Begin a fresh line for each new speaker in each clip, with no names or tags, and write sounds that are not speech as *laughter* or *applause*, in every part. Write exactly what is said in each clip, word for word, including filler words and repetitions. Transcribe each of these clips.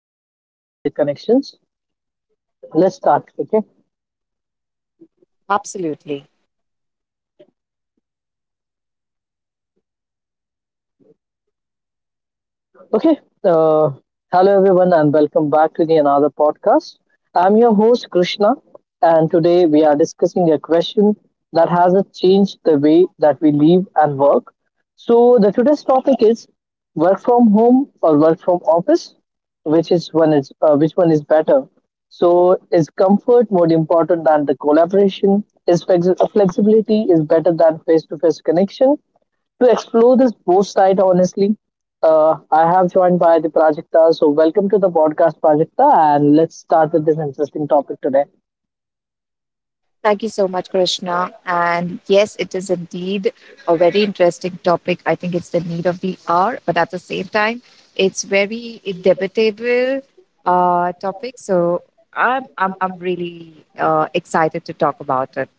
comfort and the connections. Let's start, okay?
Absolutely.
Okay. Uh, hello, everyone, and welcome back to the another podcast. I'm your host, Krishna, and today we are discussing a question that has changed the way that we live and work. So, the today's topic is work from home or work from office, which is one is uh, which one is better. So, is comfort more important than the collaboration? Is flexi- flexibility is better than face-to-face connection? To explore this both side honestly. Uh, I have joined by the Prajakta, so welcome to the podcast, Prajakta, and let's start with this interesting topic today.
Thank you so much, Krishna. And yes, it is indeed a very interesting topic. I think it's the need of the hour, but at the same time, it's very debatable uh, topic. So I'm I'm I'm really uh, excited to talk about it.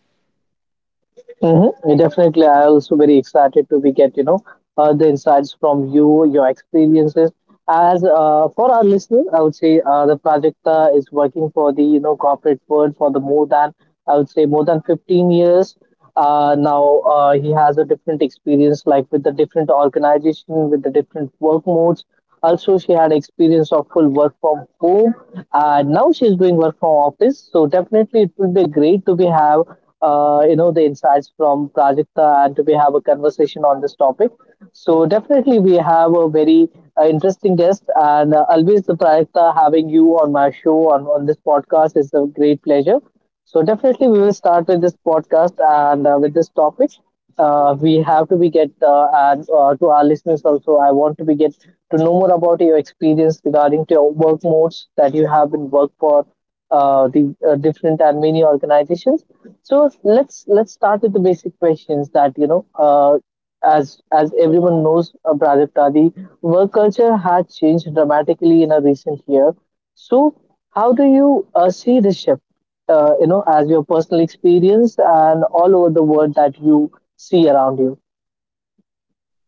Mm-hmm. Definitely, I also very excited to be get you know uh, the insights from you, your experiences. As uh, For our listener, I would say uh, the Prajakta is working for the you know corporate world for the more than I would say more than fifteen years. Uh, now uh, He has a different experience, like with the different organization, with the different work modes. Also, she had experience of full work from home, and now she's doing work from office. So definitely, it will be great to be have uh, you know the insights from Prajakta and to be have a conversation on this topic. So definitely, we have a very uh, interesting guest, and uh, always the Prajakta, having you on my show on on this podcast is a great pleasure. So definitely, we will start with this podcast and uh, with this topic uh, we have to be get uh, and uh, to our listeners also I want to be get to know more about your experience regarding to your work modes that you have been work for uh, the uh, different and many organizations. So let's let's start with the basic questions that you know uh, as as everyone knows uh, Prajakta, the work culture had changed dramatically in a recent year. So how do you uh, see this shift, uh, you know as your personal experience and all over the world that you see around you.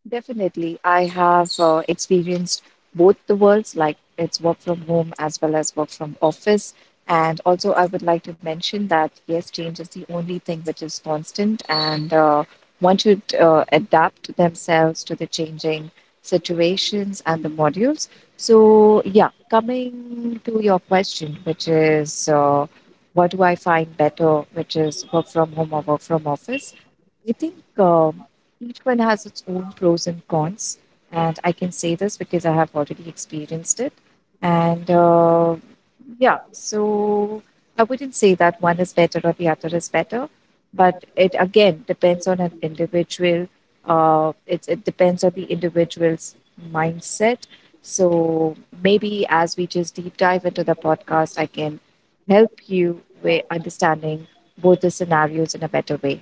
Definitely. I have uh, experienced both the worlds, like it's work from home as well as work from office. And also, I would like to mention that yes, change is the only thing which is constant, and uh, one should uh, adapt themselves to the changing situations and the modules. So, yeah, coming to your question, which is uh, what do I find better, which is work from home or work from office? I think. Um, each one has its own pros and cons, and I can say this because I have already experienced it. And uh, yeah, so I wouldn't say that one is better or the other is better, but it again depends on an individual. Uh, it, it depends on the individual's mindset. So maybe as we just deep dive into the podcast, I can help you with understanding both the scenarios in a better way.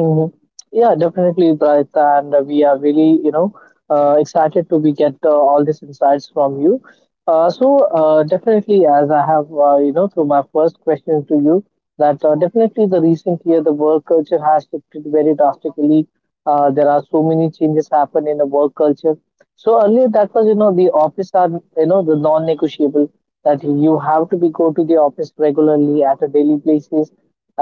Hmm. Yeah, definitely, Bright. And uh, we are really, you know, uh, excited to be get uh, all these insights from you. Uh, so uh, definitely, as I have, uh, you know, through my first question to you, that uh, definitely the recent year the work culture has shifted very drastically. Uh, there are so many changes happen in the work culture. So earlier that was, you know, the office are, you know, the non-negotiable that you have to be go to the office regularly at a daily basis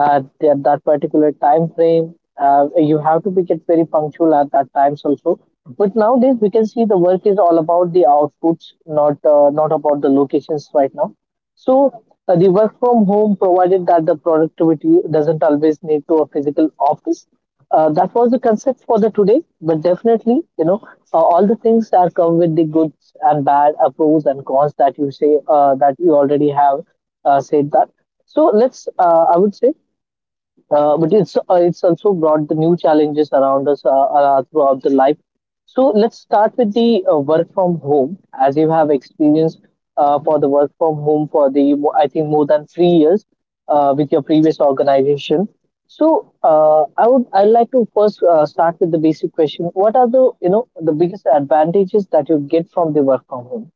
at that that particular time frame. Uh, you have to be get very punctual at that times also. But nowadays we can see the work is all about the outputs, not uh, not about the locations right now. So uh, the work from home provided that the productivity doesn't always need to a physical office. Uh, that was the concept for the today, but definitely, you know, uh, all the things that come with the goods and bad, uh, pros and cons that you say uh, that you already have uh, said that. So let's, uh, I would say, uh, but it's uh, it's also brought the new challenges around us uh, uh, throughout the life. So let's start with the uh, work from home, as you have experience uh, for the work from home for the mo- I think more than three years uh, with your previous organization. So uh, I would I'd like to first uh, start with the basic question: what are the you know the biggest advantages that you get from the work from home?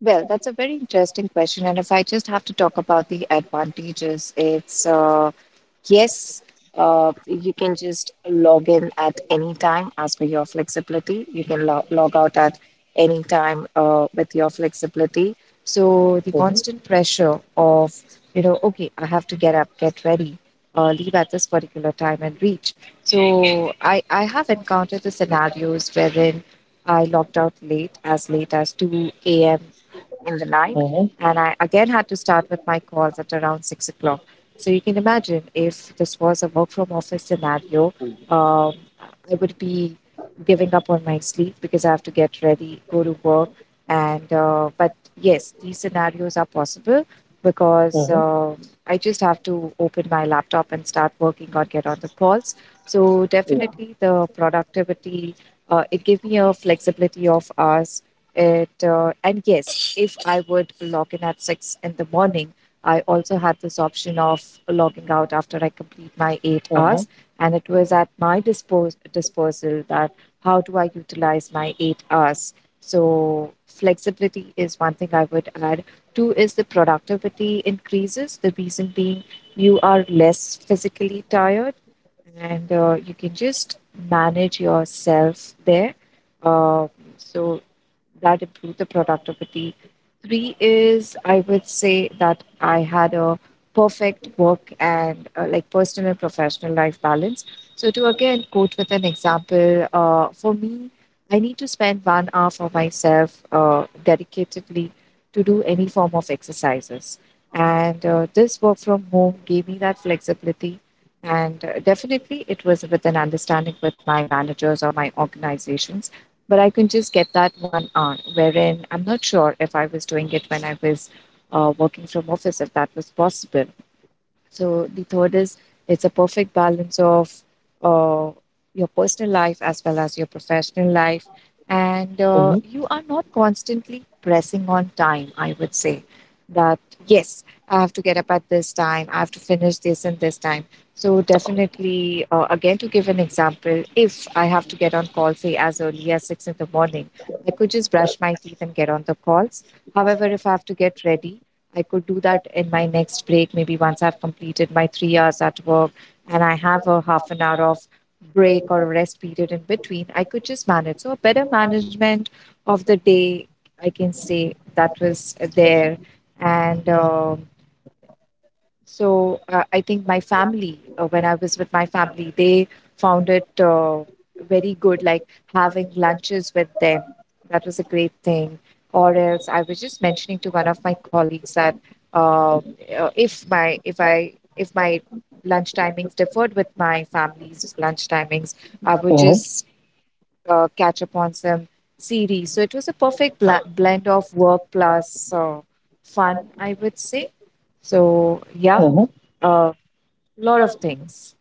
Well, that's a very interesting question. And if I just have to talk about the advantages, it's uh, yes, uh, you can just log in at any time as per your flexibility. You can lo- log out at any time uh, with your flexibility. So the
Mm-hmm.
constant pressure of, you know, okay, I have to get up, get ready, uh, leave at this particular time and reach. So I, I have encountered the scenarios wherein I logged out late, as late as two a.m in the night.
Mm-hmm.
And I again had to start with my calls at around six o'clock. So you can imagine if this was a work from office scenario, um, I would be giving up on my sleep because I have to get ready, go to work. And uh, but yes, these scenarios are possible because
Mm-hmm.
uh, I just have to open my laptop and start working or get on the calls. So
Yeah.
definitely the productivity, uh, it gave me a flexibility of hours it uh, and yes, if I would log in at six in the morning, I also had this option of logging out after I complete my eight hours,
Mm-hmm.
and it was at my dispos disposal that how do I utilize my eight hours. So flexibility is one thing I would add. Two is the productivity increases. The reason being you are less physically tired, and uh, you can just manage yourself there. Uh, so that improve the productivity. Three is I would say that I had a perfect work and uh, like personal and professional life balance. So to again quote with an example, uh, for me, I need to spend one hour for myself uh, dedicatedly to do any form of exercises. And uh, this work from home gave me that flexibility. And uh, definitely, it was with an understanding with my managers or my organizations, but I can just get that one hour, wherein I'm not sure if I was doing it when I was uh, working from office, if that was possible. So the third is it's a perfect balance of uh, your personal life as well as your professional life, and uh,
Mm-hmm.
you are not constantly pressing on time. I would say that yes, I have to get up at this time. I have to finish this and this time. So definitely, uh, again to give an example, if I have to get on call, say as early as six in the morning, I could just brush my teeth and get on the calls. However, if I have to get ready, I could do that in my next break, maybe once I've completed my three hours at work and I have a half an hour of break or rest period in between, I could just manage. So, a better management of the day, I can say that was there. And um, so uh, I think my family, uh, when I was with my family, they found it uh, very good, like having lunches with them. That was a great thing. Or else, I was just mentioning to one of my colleagues that um, uh, if my if I if my lunch timings differed with my family's lunch timings, I would
Mhm,
just uh, catch up on some series. So it was a perfect bl blend of work plus uh, fun, I would say. So yeah,
mhm.
a lot of things.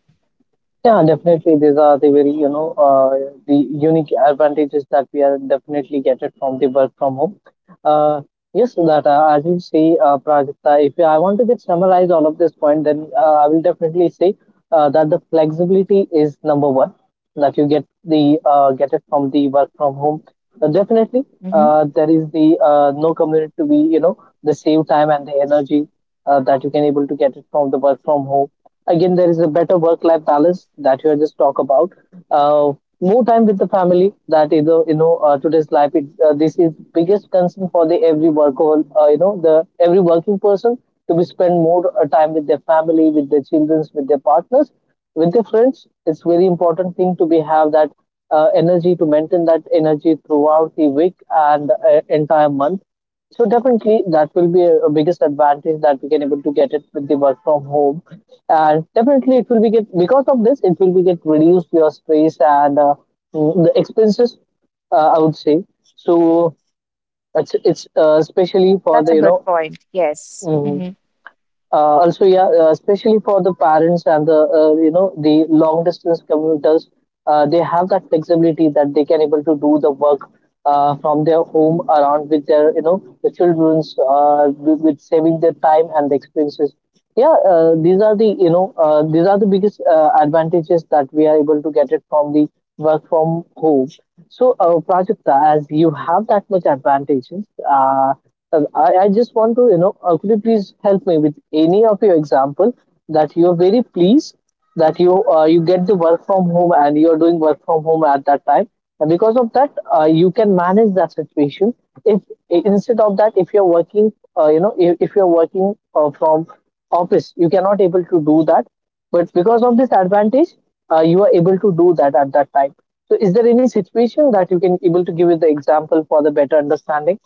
Yeah, definitely. These are the very, you know, uh, the unique advantages that we are definitely get it from the work from home. Uh, yes, that uh, as you say, uh, Prajakta, if I want to just summarize all of this point, then uh, I will definitely say uh, that the flexibility is number one that you get the uh, get it from the work from home. Uh, definitely,
Hmm
uh, there is the uh, no commute to be, you know, the save time and the energy uh, that you can able to get it from the work from home. Again, there is a better work life balance that you have just talked about. Uh, More time with the family. That is, the you know, uh, today's life. It, uh, this is biggest concern for the every worker. Uh, you know, the every working person to be spend more uh, time with their family, with their children, with their partners, with their friends. It's very important thing to be have that uh, energy to maintain that energy throughout the week and uh, entire month. So definitely that will be a, a biggest advantage that we can able to get it with the work from home, and definitely it will be get because of this it will be get reduced your stress and uh, mm, the expenses. Uh, I would say so. It's it's uh,
Yeah,
especially for
that's
the
a
you
good
know
point. Yes.
mm,
hmm
uh, also, yeah, uh, especially for the parents and the uh, you know the long distance commuters, uh, they have that flexibility that they can able to do the work uh, from their home around with their you know the childrens uh, with, with saving their time and the expenses. Yeah, uh, these are the you know uh, these are the biggest uh, advantages that we are able to get it from the work from home. So, uh, Prajakta, as you have that much advantages. Uh, um, I, I just want to, you know, uh, could you please help me with any of your example that you are very pleased that you uh, you get the work from home and you are doing work from home at that time, and because of that, uh, you can manage that situation. If instead of that, if you are working, uh, you know, if, if you are working uh, from office, you cannot able to do that. But because of this advantage, uh, you are able to do that at that time. So, is there any situation that you can able to give it the example for the better understanding?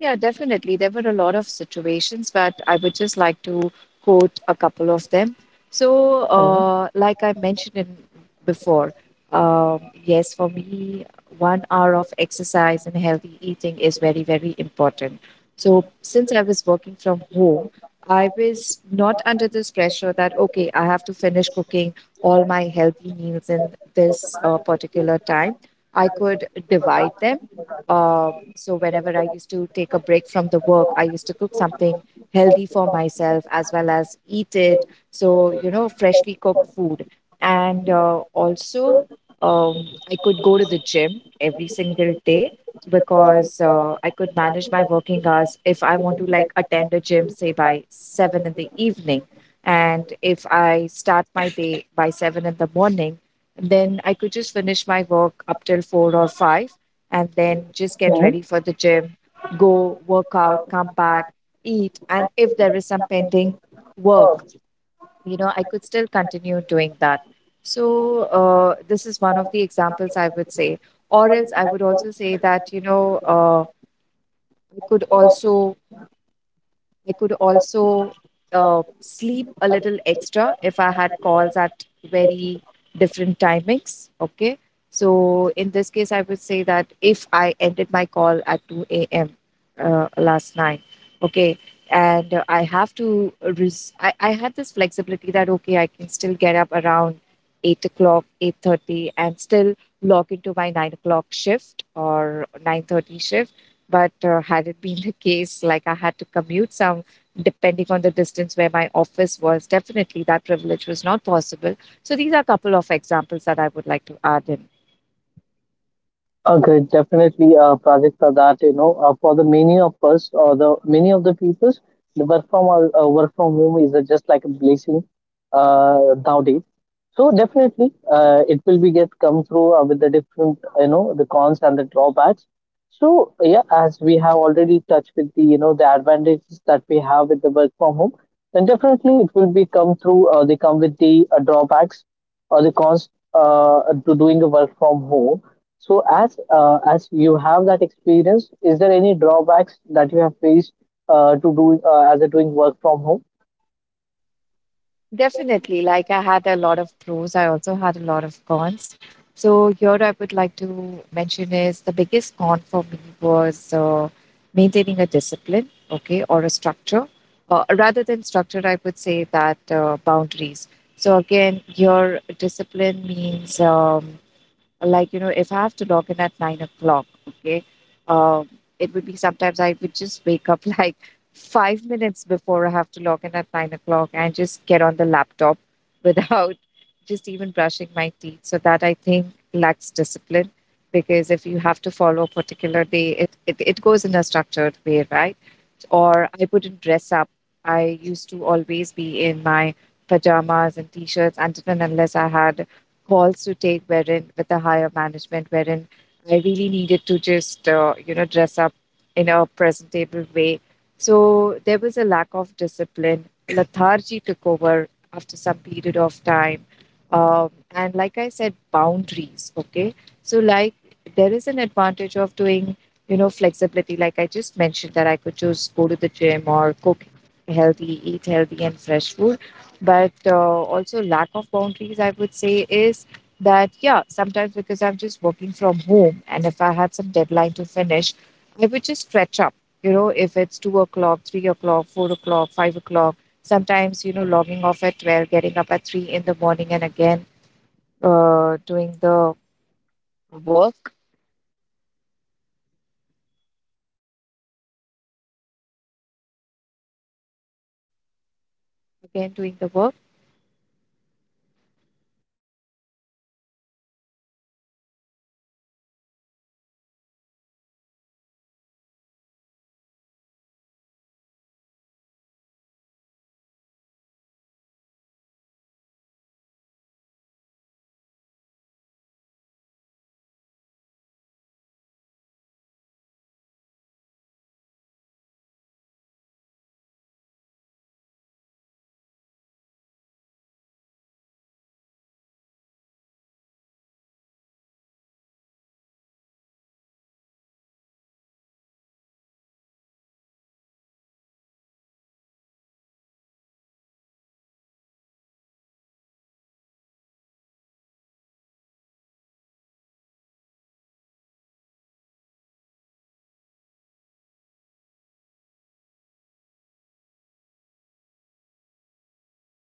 Yeah, definitely. There were a lot of situations, but I would just like to quote a couple of them. So, uh, like I mentioned in before, um, yes, for me, one hour of exercise and healthy eating is very, very important. So, since I was working from home, I was not under this pressure that, okay, I have to finish cooking all my healthy meals in this uh, particular time. I could divide them, uh, so whenever I used to take a break from the work, I used to cook something healthy for myself as well as eat it. So, you know, freshly cooked food, and uh, also um, I could go to the gym every single day because uh, I could manage my working hours if I want to, like, attend a gym, say by seven in the evening. And if I start my day by seven in the morning, then I could just finish my work up till four or five and then just get
Yeah,
ready for the gym, go work out, come back, eat. And if there is some pending work, you know, I could still continue doing that. So, uh, this is one of the examples I would say. Or else I would also say that, you know, uh, I could also I could also uh, sleep a little extra if I had calls at very different timings. Okay. So in this case, I would say that if I ended my call at two a m. Uh, last night, okay, and uh, I have to, res- I, I had this flexibility that, okay, I can still get up around eight o'clock, eight thirty and still log into my nine o'clock shift or nine thirty shift, but uh, had it been the case, like I had to commute some, depending on the distance where my office was, definitely that privilege was not possible. So these are a couple of examples that I would like to add in.
okay, definitely uh, projects are that you know uh, for the many of us or the many of the people, the work from uh, uh, work from home is uh, just like a blessing uh, nowadays. So definitely, uh, it will be get come through uh, with the different you know the cons and the drawbacks. So yeah, as we have already touched with the you know the advantages that we have with the work from home, then definitely it will be come through. Uh, they come with the uh, drawbacks or the cons uh, to doing the work from home. So as uh, as you have that experience, is there any drawbacks that you have faced uh, to do uh, as a doing work from home?
Definitely. Like I had a lot of pros, I also had a lot of cons. So here I would like to mention is the biggest con for me was uh, maintaining a discipline, okay, or a structure. Uh, rather than structure, I would say that uh, boundaries. So again, your discipline means um, like, you know, if I have to log in at nine o'clock, okay, um it would be sometimes I would just wake up *laughs* like five minutes before I have to log in at nine o'clock and just get on the laptop without *laughs* just even brushing my teeth, so that I think lacks discipline, because if you have to follow a particular day it it, it goes in a structured way, right? Or I wouldn't dress up. I used to always be in my pajamas and t-shirts until and unless I had calls to take wherein, with the higher management, wherein I really needed to just uh, you know, dress up in a presentable way. So there was a lack of discipline. Lethargy took over after some period of time. Um, and like I said, boundaries. Okay. So, like, there is an advantage of doing, you know, flexibility, like I just mentioned that I could just go to the gym or cook healthy, eat healthy and fresh food, but uh, also lack of boundaries, I would say, is that yeah, sometimes because I'm just working from home and if I had some deadline to finish, I would just stretch up, you know, if it's two o'clock, three o'clock, four o'clock, five o'clock, sometimes, you know, logging off at twelve, getting up at three in the morning and again uh, doing the work again, doing the work